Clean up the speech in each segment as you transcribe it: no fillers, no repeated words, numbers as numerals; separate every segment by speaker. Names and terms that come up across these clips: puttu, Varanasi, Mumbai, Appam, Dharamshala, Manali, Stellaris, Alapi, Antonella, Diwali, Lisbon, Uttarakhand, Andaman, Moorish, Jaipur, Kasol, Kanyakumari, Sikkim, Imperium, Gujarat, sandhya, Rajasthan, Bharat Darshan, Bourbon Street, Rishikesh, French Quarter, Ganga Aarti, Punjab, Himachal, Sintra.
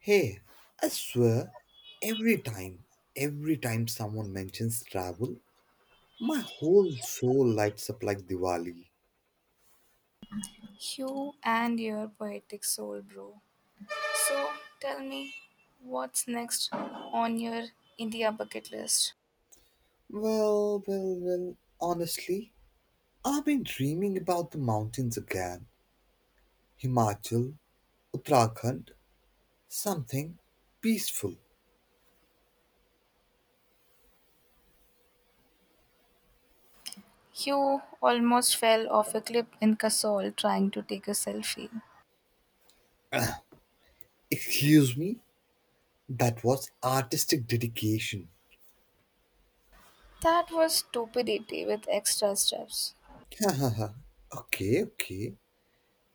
Speaker 1: Hey, I swear, every time, every time someone mentions travel, my whole soul lights up like Diwali.
Speaker 2: You and your poetic soul, bro. So tell me, what's next on your India bucket list?
Speaker 1: Well, well, well, honestly, I've been dreaming about the mountains again. Himachal, Uttarakhand, something peaceful.
Speaker 2: You almost fell off a cliff in Kasol trying to take a selfie.
Speaker 1: Excuse me? That was artistic dedication.
Speaker 2: That was stupidity with extra steps.
Speaker 1: Hahaha. Okay, okay,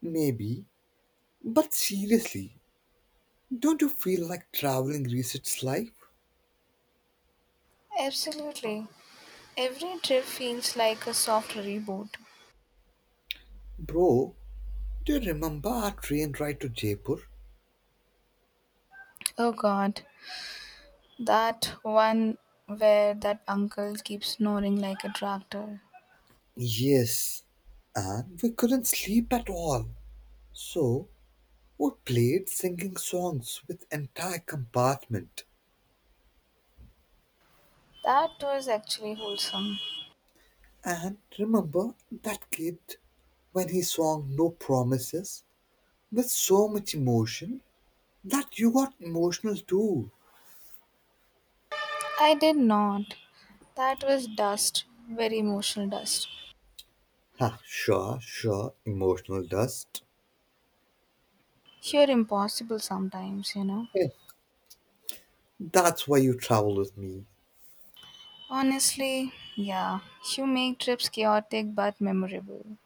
Speaker 1: maybe. But seriously, don't you feel like traveling resets life?
Speaker 2: Absolutely. Every trip feels like a soft reboot.
Speaker 1: Bro, do you remember our train ride to Jaipur?
Speaker 2: Oh god, that one where that uncle keeps snoring like a tractor.
Speaker 1: Yes, and we couldn't sleep at all. So we played singing songs with entire compartment.
Speaker 2: That was actually wholesome.
Speaker 1: And remember that kid when he sang No Promises with so much emotion that you got emotional too.
Speaker 2: I did not. That was dust, very emotional dust.
Speaker 1: Ha, sure, sure, emotional dust.
Speaker 2: You're impossible sometimes,
Speaker 1: Eh, that's why you travel with me.
Speaker 2: Honestly, yeah, you make trips chaotic but memorable.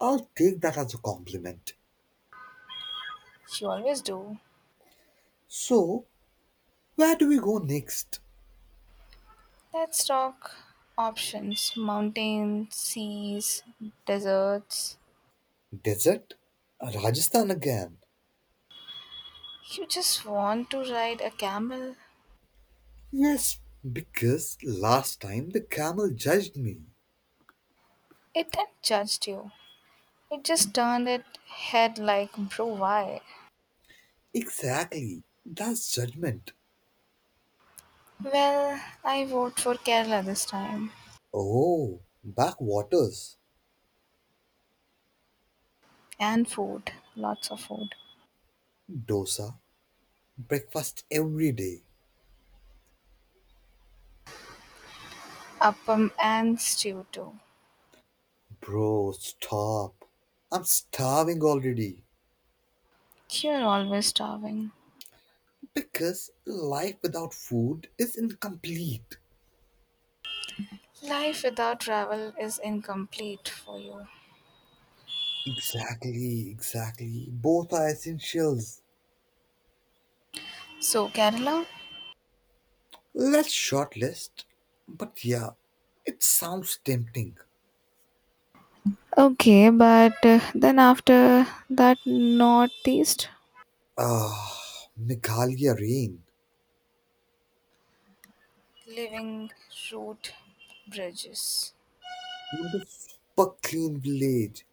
Speaker 1: I'll take that as a compliment.
Speaker 2: You always do.
Speaker 1: So, where do we go next?
Speaker 2: Let's talk options mountains, seas, deserts.
Speaker 1: Desert? Rajasthan again.
Speaker 2: You just want to ride a camel.
Speaker 1: Yes, because last time the camel judged me.
Speaker 2: It then judged you, it just turned its head like, bro, why?
Speaker 1: Exactly. That's judgment.
Speaker 2: Well, I vote for Kerala this time.
Speaker 1: Oh, backwaters.
Speaker 2: And food, lots of food.
Speaker 1: Dosa. Breakfast every day.
Speaker 2: Appam and stew too.
Speaker 1: Bro, stop. I'm starving already.
Speaker 2: You're always starving.
Speaker 1: Because life without food is incomplete.
Speaker 2: Life without travel is incomplete for you.
Speaker 1: Exactly, exactly. Both are essentials.
Speaker 2: So, Kerala?
Speaker 1: Let's shortlist. But yeah, it sounds tempting.
Speaker 2: Okay, but then after that northeast.
Speaker 1: Ah, Meghalaya rain.
Speaker 2: Living root bridges.
Speaker 1: The super clean village.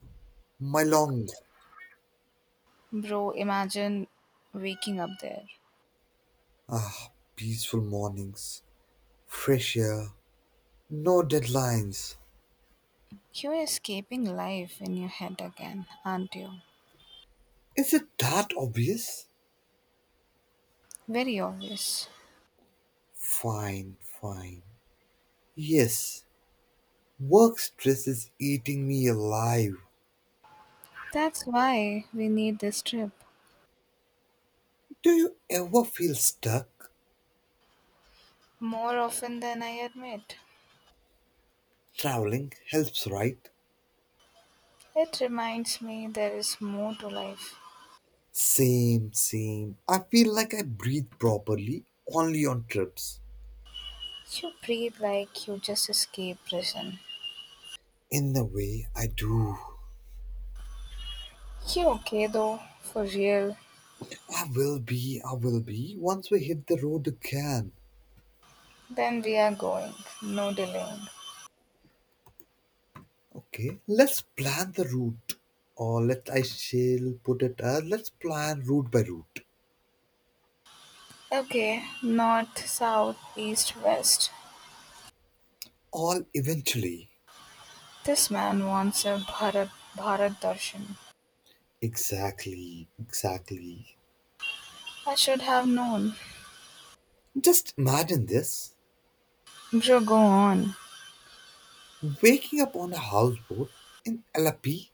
Speaker 1: Mylong.
Speaker 2: Bro, imagine waking up there.
Speaker 1: Ah, peaceful mornings. Fresh air. No deadlines.
Speaker 2: You're escaping life in your head again, aren't you?
Speaker 1: Is it that obvious?
Speaker 2: Very obvious.
Speaker 1: Fine, fine. Yes, work stress is eating me alive.
Speaker 2: That's why we need this trip.
Speaker 1: Do you ever feel stuck?
Speaker 2: More often than I admit.
Speaker 1: Traveling helps, right?
Speaker 2: It reminds me there is more to life.
Speaker 1: Same, same. I feel like I breathe properly only on trips.
Speaker 2: You breathe like you just escaped prison.
Speaker 1: In a way, I do.
Speaker 2: You okay though? For real?
Speaker 1: I will be, once we hit the road again.
Speaker 2: Then we are going. No delaying.
Speaker 1: Okay, let's plan the route. Or let I shall put it as let's plan route by route.
Speaker 2: Okay, north, south, east, west.
Speaker 1: All eventually.
Speaker 2: This man wants a Bharat, Bharat Darshan.
Speaker 1: Exactly, exactly.
Speaker 2: I should have known.
Speaker 1: Just imagine this
Speaker 2: Bro, go on.
Speaker 1: waking up on a houseboat in Alapi,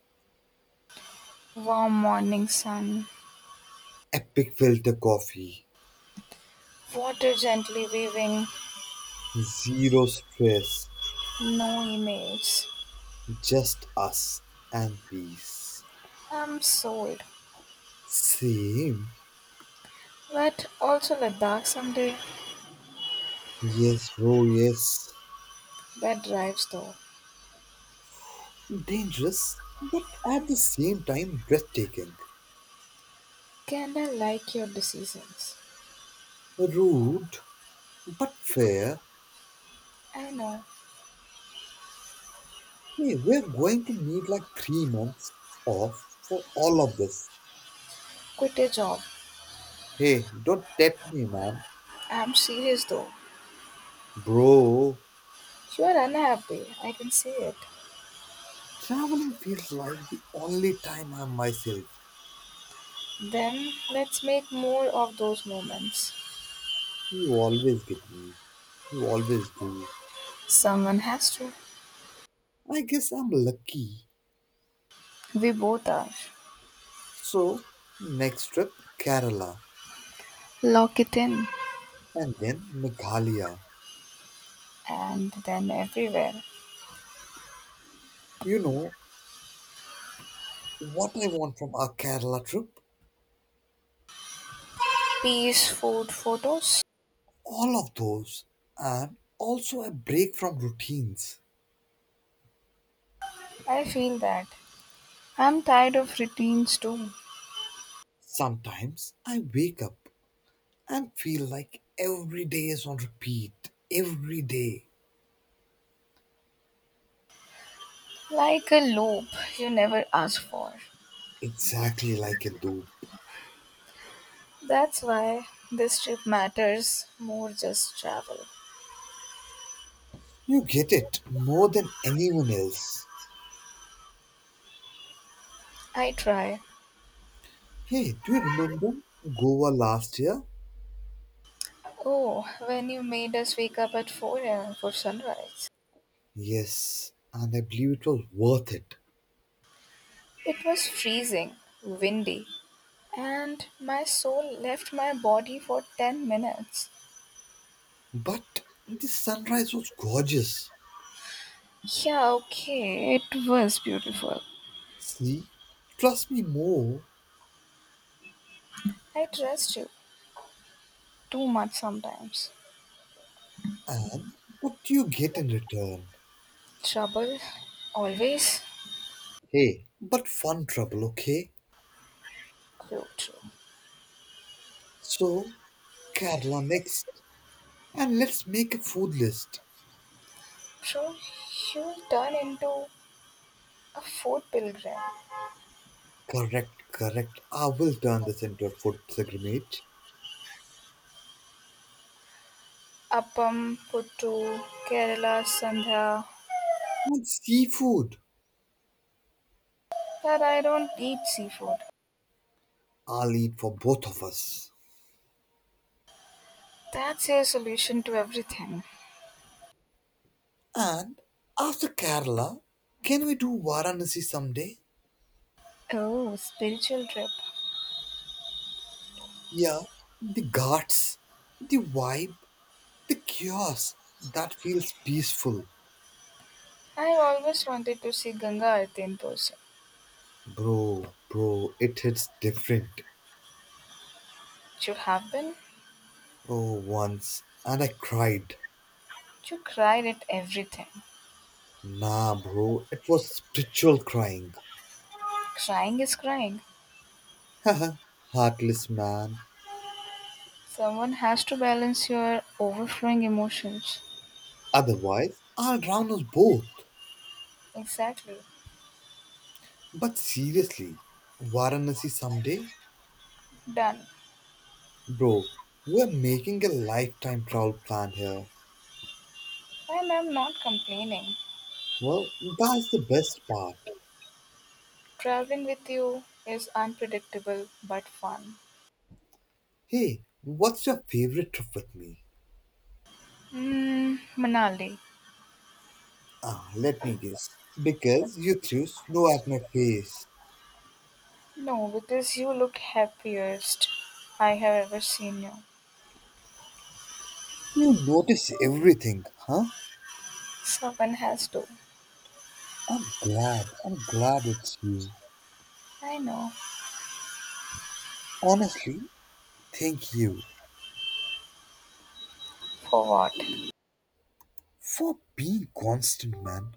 Speaker 2: Warm morning sun.
Speaker 1: epic filter coffee,
Speaker 2: Water gently waving.
Speaker 1: zero stress,
Speaker 2: No emails.
Speaker 1: just us and peace.
Speaker 2: I'm sold.
Speaker 1: Same.
Speaker 2: But also Ladakh someday.
Speaker 1: Yes, bro, yes.
Speaker 2: That drives though.
Speaker 1: Dangerous, but at the same time breathtaking.
Speaker 2: Can I like your decisions.
Speaker 1: Rude, but fair.
Speaker 2: I know.
Speaker 1: Hey, we're going to need like 3 months off for all of this.
Speaker 2: Quit your job.
Speaker 1: Hey, don't tempt me, man.
Speaker 2: I'm serious though.
Speaker 1: Bro,
Speaker 2: You're unhappy. I can see it.
Speaker 1: traveling feels like the only time I'm myself.
Speaker 2: Then let's make more of those moments.
Speaker 1: You always get me. You always do.
Speaker 2: Someone has to.
Speaker 1: I guess I'm lucky.
Speaker 2: We both are.
Speaker 1: So, next trip, Kerala,
Speaker 2: Lock it in.
Speaker 1: and then Meghalaya.
Speaker 2: And then everywhere.
Speaker 1: You know what I want from our Kerala trip?
Speaker 2: Peace, food, photos.
Speaker 1: All of those, and also a break from routines.
Speaker 2: I feel that. I'm tired of routines too.
Speaker 1: Sometimes I wake up and feel like every day is on repeat. Every day.
Speaker 2: Like a loop you never ask for.
Speaker 1: Exactly like Hindu.
Speaker 2: That's why this trip matters more just travel.
Speaker 1: You get it more than anyone else.
Speaker 2: I try.
Speaker 1: Hey, do you remember Goa last year?
Speaker 2: Oh, when you made us wake up at 4 a.m. for sunrise.
Speaker 1: Yes, and I believe it was worth it.
Speaker 2: It was freezing, windy, and my soul left my body for 10 minutes.
Speaker 1: But the sunrise was gorgeous.
Speaker 2: Yeah, okay, it was beautiful.
Speaker 1: See, trust me more,
Speaker 2: I trust you too much sometimes.
Speaker 1: and what do you get in return?
Speaker 2: Trouble, always.
Speaker 1: Hey, but fun trouble, okay?
Speaker 2: True, true.
Speaker 1: So, Kerala next. And let's make a food list.
Speaker 2: So you'll turn into a food pilgrim.
Speaker 1: Correct, correct. I will turn this into a food pilgrimage.
Speaker 2: Appam, puttu, Kerala, sandhya.
Speaker 1: And seafood,
Speaker 2: But I don't eat seafood.
Speaker 1: I'll eat for both of us.
Speaker 2: That's your solution to everything.
Speaker 1: And after Kerala, can we do Varanasi someday?
Speaker 2: Oh, spiritual trip.
Speaker 1: Yeah, the ghats, the vibe, the chaos that feels peaceful,
Speaker 2: I always wanted to see Ganga Aarti in person.
Speaker 1: bro, bro, it hits different.
Speaker 2: You have been?
Speaker 1: Oh, once, and I cried.
Speaker 2: You cried at everything.
Speaker 1: Nah, bro, it was spiritual crying.
Speaker 2: Crying is crying.
Speaker 1: Haha, heartless man.
Speaker 2: Someone has to balance your overflowing emotions.
Speaker 1: Otherwise, I'll drown us both.
Speaker 2: Exactly.
Speaker 1: But seriously, Varanasi someday?
Speaker 2: Done.
Speaker 1: Bro, we're making a lifetime travel plan here.
Speaker 2: And I'm not complaining.
Speaker 1: Well, that's the best part.
Speaker 2: Traveling with you is unpredictable but fun.
Speaker 1: Hey, what's your favorite trip with me?
Speaker 2: Hmm, Manali.
Speaker 1: Ah, let me guess. Because you threw snow at my face.
Speaker 2: No, because you look happiest I have ever seen you.
Speaker 1: You notice everything, huh?
Speaker 2: Someone has to.
Speaker 1: I'm glad. I'm glad it's you.
Speaker 2: I know.
Speaker 1: Honestly, thank you
Speaker 2: For what?
Speaker 1: for being constant, man.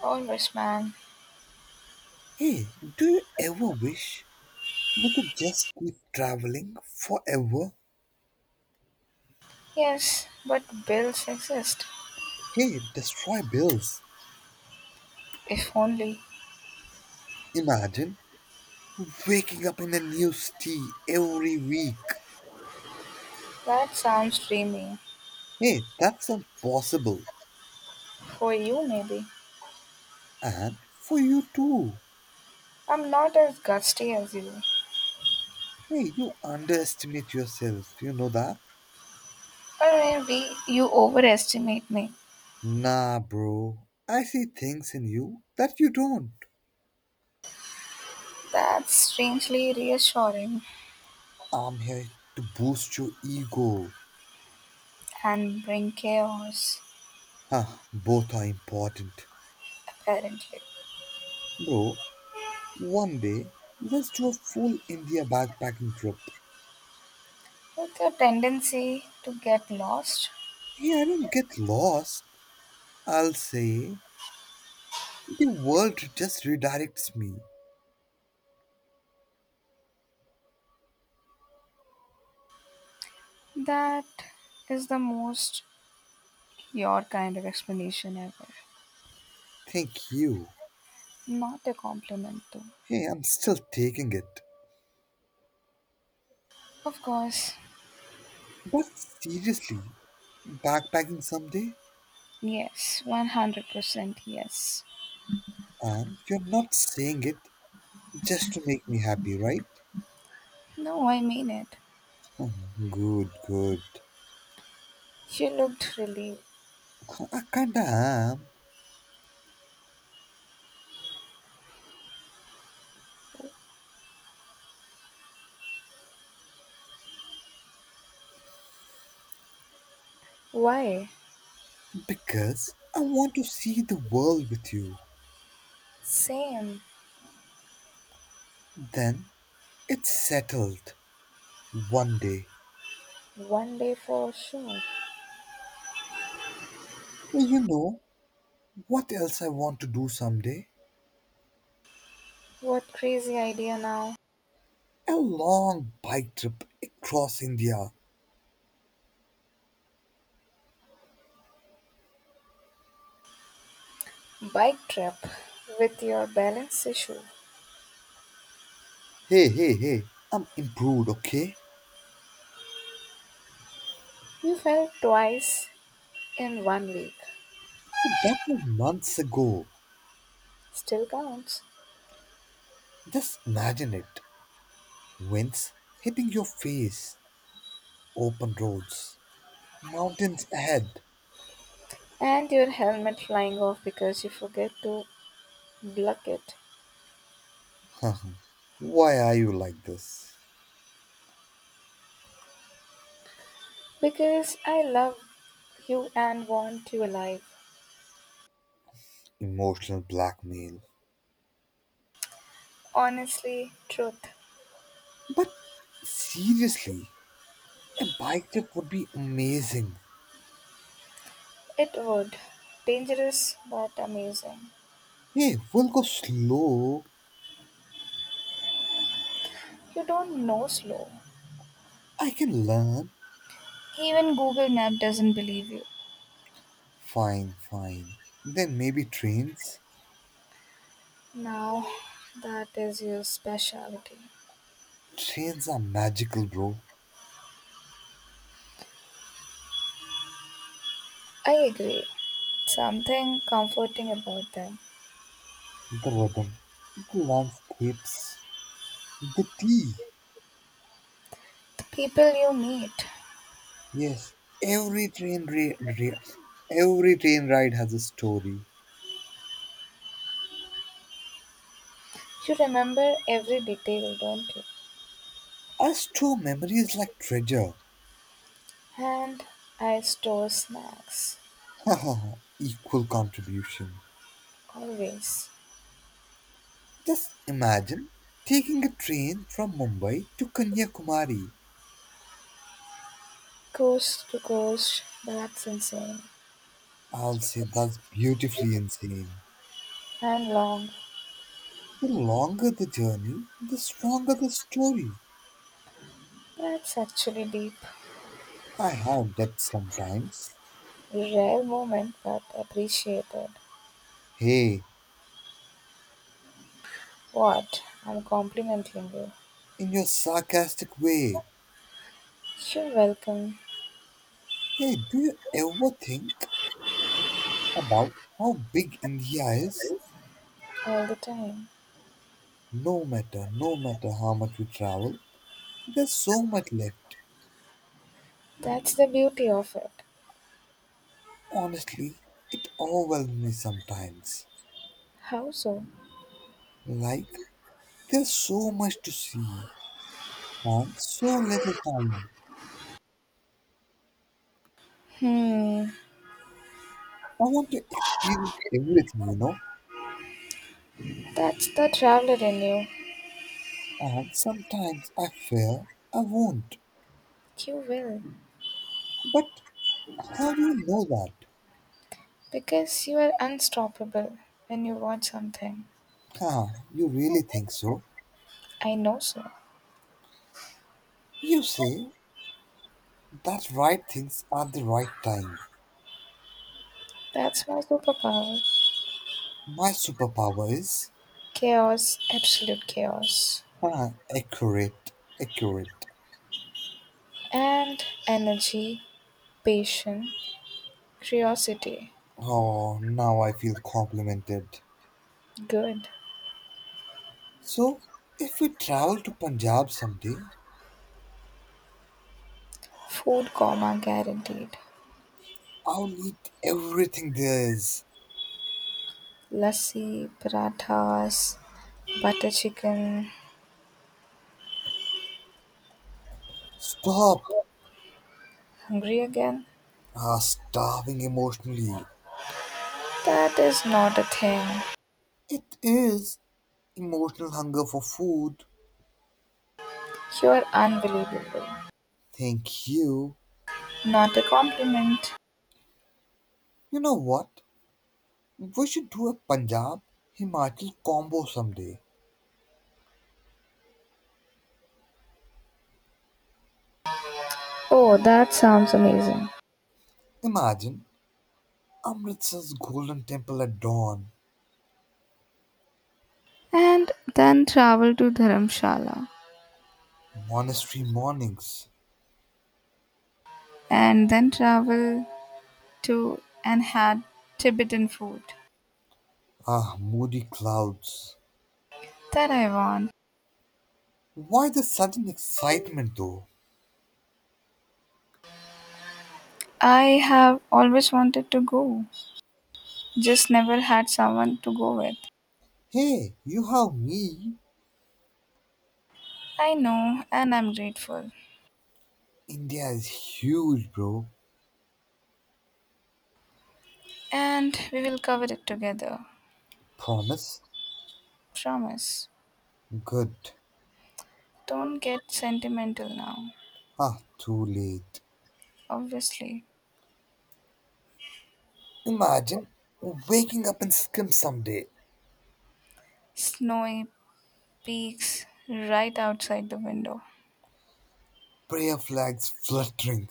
Speaker 2: Congressman.
Speaker 1: Hey, do you ever wish you could just keep traveling forever?
Speaker 2: Yes, but bills exist.
Speaker 1: Hey, destroy bills.
Speaker 2: If only.
Speaker 1: Imagine waking up in a new city every week.
Speaker 2: That sounds dreamy.
Speaker 1: Hey, that's impossible.
Speaker 2: For you, maybe.
Speaker 1: And for you too.
Speaker 2: I'm not as gusty as you.
Speaker 1: Hey, you underestimate yourself, you know that?
Speaker 2: Or maybe you overestimate me.
Speaker 1: Nah, bro. I see things in you that you don't.
Speaker 2: That's strangely reassuring
Speaker 1: I'm here to boost your ego.
Speaker 2: and bring chaos,
Speaker 1: Huh, both are important.
Speaker 2: apparently.
Speaker 1: Bro, one day, let's do a full India backpacking trip.
Speaker 2: With your tendency to get lost,
Speaker 1: Hey, I don't get lost. I'll say, the world just redirects me.
Speaker 2: that is the most your kind of explanation ever.
Speaker 1: Thank you.
Speaker 2: Not a compliment, though.
Speaker 1: Hey, I'm still taking it.
Speaker 2: Of course.
Speaker 1: But seriously, backpacking someday
Speaker 2: Yes, 100% yes.
Speaker 1: and you're not saying it just to make me happy, right?
Speaker 2: No, I mean it.
Speaker 1: Mhm. Good, good.
Speaker 2: She looked relieved.
Speaker 1: I kinda am.
Speaker 2: Why?
Speaker 1: Because I want to see the world with you.
Speaker 2: Same.
Speaker 1: Then it's settled. One day.
Speaker 2: One day for sure.
Speaker 1: Well, you know what else I want to do someday?
Speaker 2: What crazy idea now?
Speaker 1: A long bike trip across India.
Speaker 2: Bike trip with your balance issue.
Speaker 1: Hey, hey, hey. I'm improved, okay?
Speaker 2: You fell twice in 1 week.
Speaker 1: That was months ago.
Speaker 2: Still counts.
Speaker 1: Just imagine it. Winds hitting your face. Open roads. Mountains ahead.
Speaker 2: And your helmet flying off because you forget to block it.
Speaker 1: Why are you like this?
Speaker 2: Because I love you and want you alive.
Speaker 1: Emotional blackmail.
Speaker 2: Honestly, truth.
Speaker 1: But seriously, a bike trip would be amazing.
Speaker 2: It would. Dangerous but amazing.
Speaker 1: Hey, we'll go slow.
Speaker 2: You don't know slow.
Speaker 1: I can learn.
Speaker 2: Even Google Map doesn't believe you.
Speaker 1: Fine, fine. Then maybe trains?
Speaker 2: Now, that is your specialty.
Speaker 1: Trains are magical, bro.
Speaker 2: I agree. Something comforting about them.
Speaker 1: The rhythm, the landscapes, the tea.
Speaker 2: The people you meet.
Speaker 1: Yes, every train ra- ra- every train ride has a story.
Speaker 2: You remember every detail, don't you?
Speaker 1: I store memories like treasure.
Speaker 2: And I store snacks.
Speaker 1: Haha, equal contribution.
Speaker 2: Always.
Speaker 1: Just imagine taking a train from Mumbai to Kanyakumari.
Speaker 2: Coast to coast, that's insane.
Speaker 1: I'll say that's beautifully insane.
Speaker 2: And long.
Speaker 1: The longer the journey, the stronger the story.
Speaker 2: That's actually deep.
Speaker 1: I have depth sometimes.
Speaker 2: Rare moment but appreciated.
Speaker 1: Hey,
Speaker 2: What? I'm complimenting you.
Speaker 1: in your sarcastic way,
Speaker 2: You're welcome.
Speaker 1: hey, do you ever think about how big India is?
Speaker 2: All the time.
Speaker 1: No matter how much we travel, there's so much left.
Speaker 2: That's the beauty of it.
Speaker 1: Honestly, it overwhelms me sometimes.
Speaker 2: How so?
Speaker 1: Like, there's so much to see and so little time.
Speaker 2: Hmm.
Speaker 1: I want to experience everything,
Speaker 2: That's the traveler in you.
Speaker 1: and sometimes I fear I won't.
Speaker 2: You will.
Speaker 1: But how do you know that?
Speaker 2: Because you are unstoppable when you want something.
Speaker 1: Huh, you really think so?
Speaker 2: I know so.
Speaker 1: You say that right things at the right time.
Speaker 2: That's my superpower.
Speaker 1: My superpower is,
Speaker 2: Chaos, absolute chaos.
Speaker 1: huh, accurate, accurate.
Speaker 2: And energy, patience, curiosity.
Speaker 1: Oh, now I feel complimented.
Speaker 2: Good.
Speaker 1: So, if we travel to Punjab someday,
Speaker 2: Food coma guaranteed.
Speaker 1: I'll eat everything there is.
Speaker 2: Lassi, parathas, butter chicken.
Speaker 1: Stop.
Speaker 2: Hungry again?
Speaker 1: Starving emotionally.
Speaker 2: That is not a thing.
Speaker 1: It is emotional hunger for food.
Speaker 2: You're unbelievable.
Speaker 1: Thank you.
Speaker 2: Not a compliment.
Speaker 1: You know what? We should do a Punjab Himachal combo someday.
Speaker 2: Oh, that sounds amazing.
Speaker 1: Imagine Amritsar's golden temple at dawn,
Speaker 2: And then travel to Dharamshala.
Speaker 1: monastery mornings,
Speaker 2: And then travel to and had Tibetan food
Speaker 1: moody clouds.
Speaker 2: that I want.
Speaker 1: Why the sudden excitement though?
Speaker 2: I have always wanted to go, just never had someone to go with.
Speaker 1: Hey, you have me.
Speaker 2: I know, and I'm grateful.
Speaker 1: India is huge, bro.
Speaker 2: And we will cover it together.
Speaker 1: Promise?
Speaker 2: Promise.
Speaker 1: Good.
Speaker 2: Don't get sentimental now.
Speaker 1: Ah, too late.
Speaker 2: Obviously.
Speaker 1: Imagine waking up in Sikkim someday,
Speaker 2: Snowy peaks right outside the window.
Speaker 1: prayer flags fluttering,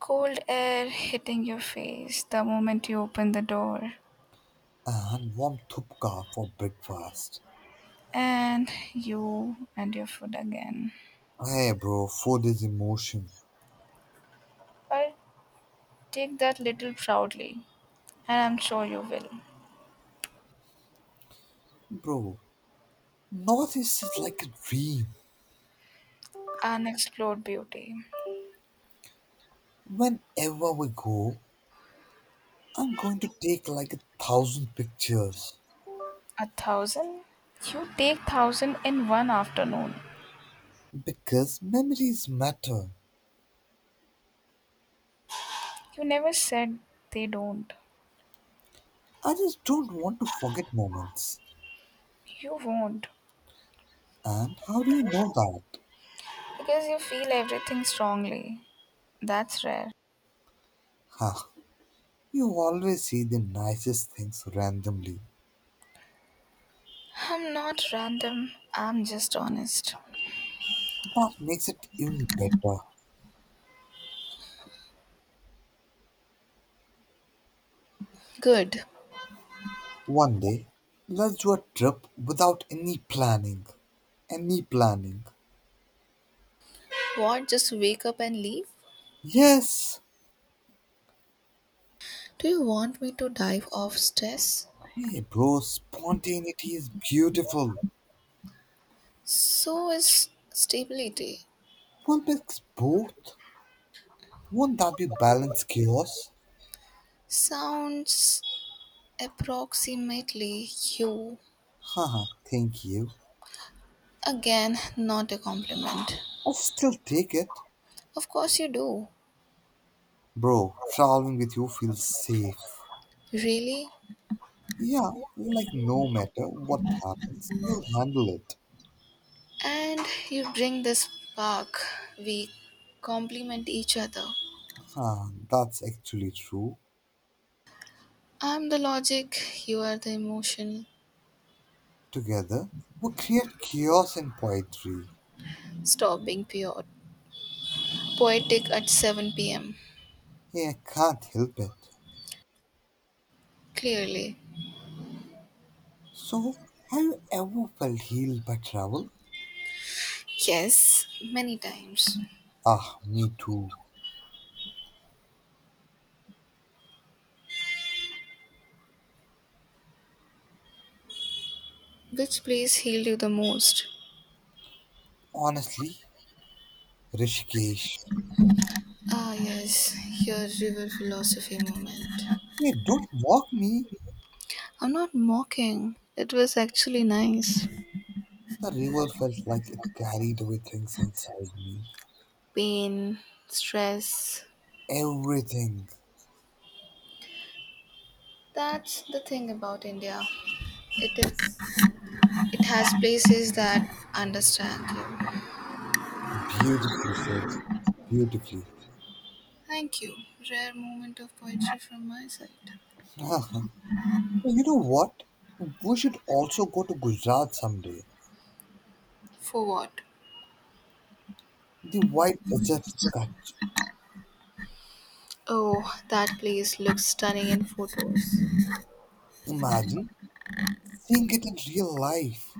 Speaker 2: Cold air hitting your face the moment you open the door.
Speaker 1: and warm thupka for breakfast.
Speaker 2: And you and your food again.
Speaker 1: Hey, bro, food is emotion.
Speaker 2: But take that little proudly, and I'm sure you will.
Speaker 1: Bro, Northeast is like a dream.
Speaker 2: Unexplored beauty.
Speaker 1: Whenever we go, I'm going to take like 1,000 pictures
Speaker 2: A thousand? You take thousand in one afternoon.
Speaker 1: because memories matter.
Speaker 2: You never said they don't.
Speaker 1: I just don't want to forget moments.
Speaker 2: You won't.
Speaker 1: And how do you know that?
Speaker 2: Because you feel everything strongly. That's rare.
Speaker 1: Huh, you always see the nicest things randomly.
Speaker 2: I'm not random, I'm just honest.
Speaker 1: That makes it even better.
Speaker 2: Good.
Speaker 1: One day, let's do a trip without any planning. Any planning.
Speaker 2: What, just wake up and leave?
Speaker 1: Yes!
Speaker 2: Do you want me to dive off stress?
Speaker 1: Hey, bro, spontaneity is beautiful.
Speaker 2: So is stability.
Speaker 1: One mix both. Won't that be balanced chaos?
Speaker 2: Sounds approximately you.
Speaker 1: Haha, thank you.
Speaker 2: Again, not a compliment.
Speaker 1: I'll still take it.
Speaker 2: Of course you do.
Speaker 1: Bro, traveling with you feels safe.
Speaker 2: Really?
Speaker 1: Yeah, like no matter what happens, you'll handle it.
Speaker 2: And you bring this spark. We compliment each other.
Speaker 1: Ah, that's actually true.
Speaker 2: I'm the logic, you are the emotion.
Speaker 1: Together, we create chaos in poetry.
Speaker 2: Stop being pure. Poetic at 7 pm.
Speaker 1: Yeah, I can't help it.
Speaker 2: Clearly.
Speaker 1: So, have you ever felt healed by travel?
Speaker 2: Yes, many times.
Speaker 1: Ah, me too.
Speaker 2: Which place healed you the most?
Speaker 1: Honestly, Rishikesh.
Speaker 2: Ah, yes, your river philosophy moment.
Speaker 1: Hey, don't mock me.
Speaker 2: I'm not mocking. It was actually nice.
Speaker 1: The river felt like it carried away things inside me.
Speaker 2: Pain, stress.
Speaker 1: Everything.
Speaker 2: That's the thing about India. It is. It has places that understand you.
Speaker 1: Beautifully said. Beautifully.
Speaker 2: Thank you. Rare moment of poetry from my side.
Speaker 1: Uh-huh. Well, you know what? We should also go to Gujarat someday.
Speaker 2: For what?
Speaker 1: The white desert catch.
Speaker 2: Oh, that place looks stunning in photos.
Speaker 1: Imagine seeing it in real life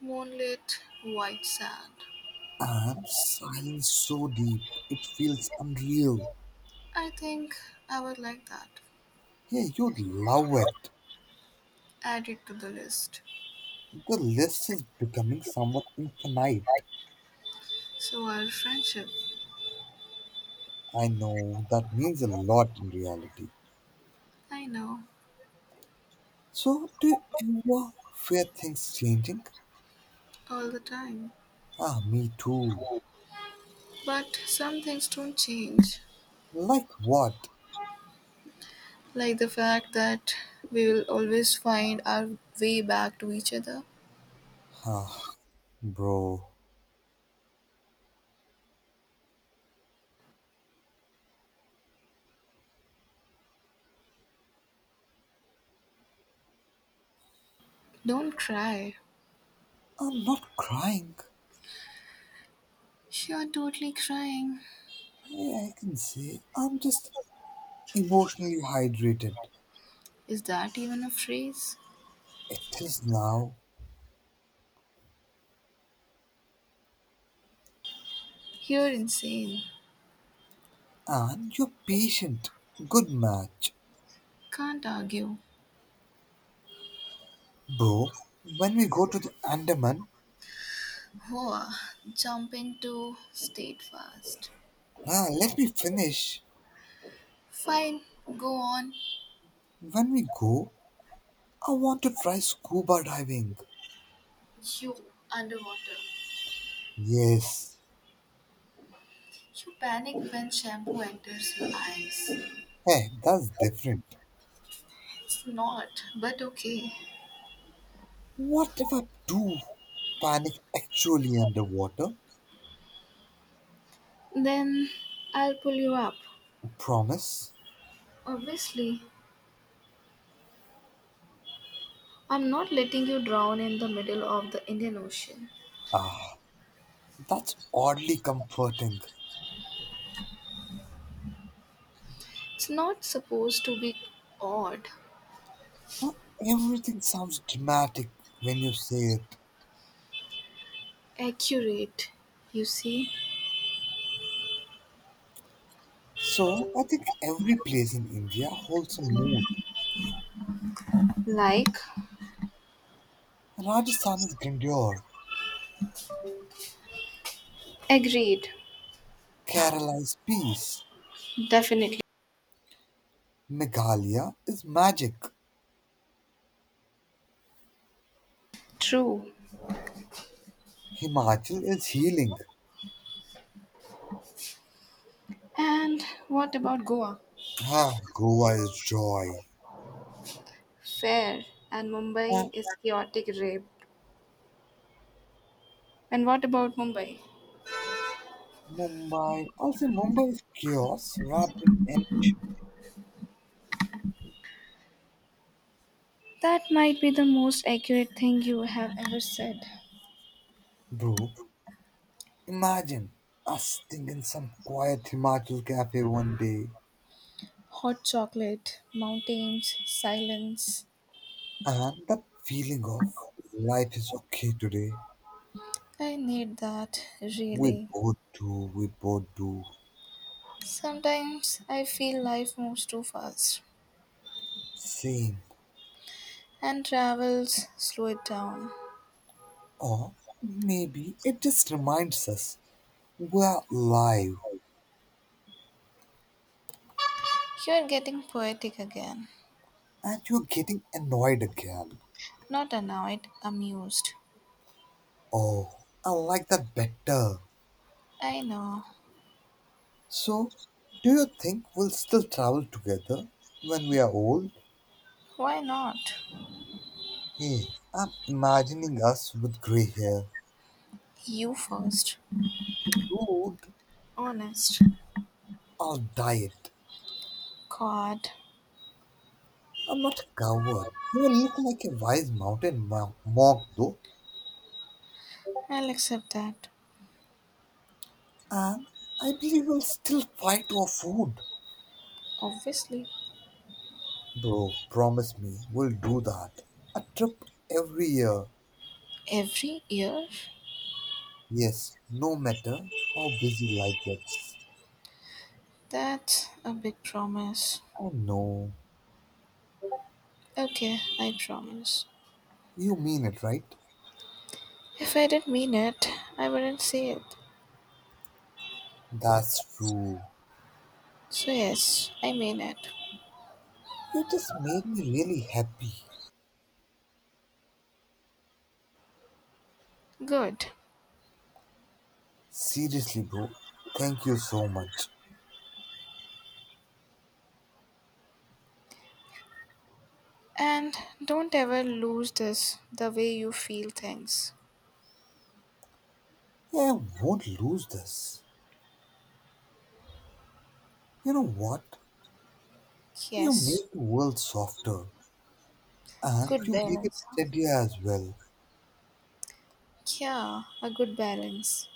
Speaker 2: Moonlit, white sand.
Speaker 1: and silence so deep it feels unreal.
Speaker 2: I think I would like that.
Speaker 1: Yeah, you'd love it.
Speaker 2: Add it to the list.
Speaker 1: The list is becoming somewhat infinite.
Speaker 2: So, our friendship,
Speaker 1: I know that means a lot in reality.
Speaker 2: I know,
Speaker 1: So, do you ever fear things changing?
Speaker 2: all the time.
Speaker 1: Ah, me too.
Speaker 2: But some things don't change,
Speaker 1: Like what?
Speaker 2: like the fact that we will always find our way back to each other.
Speaker 1: Ah, bro,
Speaker 2: Don't cry.
Speaker 1: I'm not crying.
Speaker 2: You're totally crying.
Speaker 1: Yeah, I can say I'm just emotionally hydrated.
Speaker 2: Is that even a phrase?
Speaker 1: It is now.
Speaker 2: You're insane.
Speaker 1: And you're patient. Good match.
Speaker 2: Can't argue.
Speaker 1: Bro, when we go to the Andaman,
Speaker 2: Oh, jump into state fast.
Speaker 1: ah, let me finish.
Speaker 2: Fine, go on.
Speaker 1: When we go, I want to try scuba diving.
Speaker 2: You underwater.
Speaker 1: Yes.
Speaker 2: You panic when shampoo enters your eyes.
Speaker 1: Hey, that's different.
Speaker 2: It's not, but okay.
Speaker 1: What if I do panic actually underwater?
Speaker 2: Then I'll pull you up.
Speaker 1: Promise?
Speaker 2: Obviously, I'm not letting you drown in the middle of the Indian Ocean.
Speaker 1: Ah, that's oddly comforting.
Speaker 2: It's not supposed to be odd,
Speaker 1: Huh? Everything sounds dramatic when you say it.
Speaker 2: accurate, you see.
Speaker 1: So, I think every place in India holds a mood.
Speaker 2: Like,
Speaker 1: Rajasthan is grandeur.
Speaker 2: agreed,
Speaker 1: Kerala is peace.
Speaker 2: definitely,
Speaker 1: Meghalaya is magic.
Speaker 2: true.
Speaker 1: Himachal is healing.
Speaker 2: And what about Goa?
Speaker 1: Ah, Goa is joy.
Speaker 2: Fair. And Mumbai
Speaker 1: Ah,
Speaker 2: is chaotic rape. And what about Mumbai?
Speaker 1: Mumbai, I'll say Mumbai is chaos wrapped in ambition.
Speaker 2: That might be the most accurate thing you have ever said.
Speaker 1: Bro, imagine us sitting in some quiet Himachal cafe one day
Speaker 2: Hot chocolate, mountains, silence.
Speaker 1: and that feeling of life is okay today.
Speaker 2: I need that,
Speaker 1: We
Speaker 2: really.
Speaker 1: both do, we both do.
Speaker 2: Sometimes I feel life moves too fast
Speaker 1: Same.
Speaker 2: and travels slow it down.
Speaker 1: Or maybe it just reminds us we are alive.
Speaker 2: You're getting poetic again.
Speaker 1: And you're getting annoyed again.
Speaker 2: Not annoyed, amused.
Speaker 1: Oh, I like that better.
Speaker 2: I know.
Speaker 1: So, do you think we'll still travel together when we are old?
Speaker 2: Why not?
Speaker 1: Hey, I'm imagining us with grey hair,
Speaker 2: You first.
Speaker 1: rude,
Speaker 2: Honest.
Speaker 1: I'll dye it.
Speaker 2: God.
Speaker 1: I'm not a coward. You look like a wise mountain monk, though.
Speaker 2: I'll accept that,
Speaker 1: And I believe we'll still fight over food.
Speaker 2: obviously.
Speaker 1: Bro, promise me we'll do that. A trip every year.
Speaker 2: Every year?
Speaker 1: Yes, no matter how busy life gets.
Speaker 2: That's a big promise.
Speaker 1: I know.
Speaker 2: Okay, I promise.
Speaker 1: You mean it, right?
Speaker 2: If I didn't mean it, I wouldn't say it.
Speaker 1: That's true.
Speaker 2: So, yes, I mean it.
Speaker 1: You just made me really happy.
Speaker 2: Good.
Speaker 1: Seriously, bro. Thank you so much.
Speaker 2: And don't ever lose this the way you feel things.
Speaker 1: I won't lose this. You know what? You
Speaker 2: Yes,
Speaker 1: make the world softer and
Speaker 2: good
Speaker 1: you make it
Speaker 2: balance.
Speaker 1: steadier as well.
Speaker 2: Yeah, a good balance.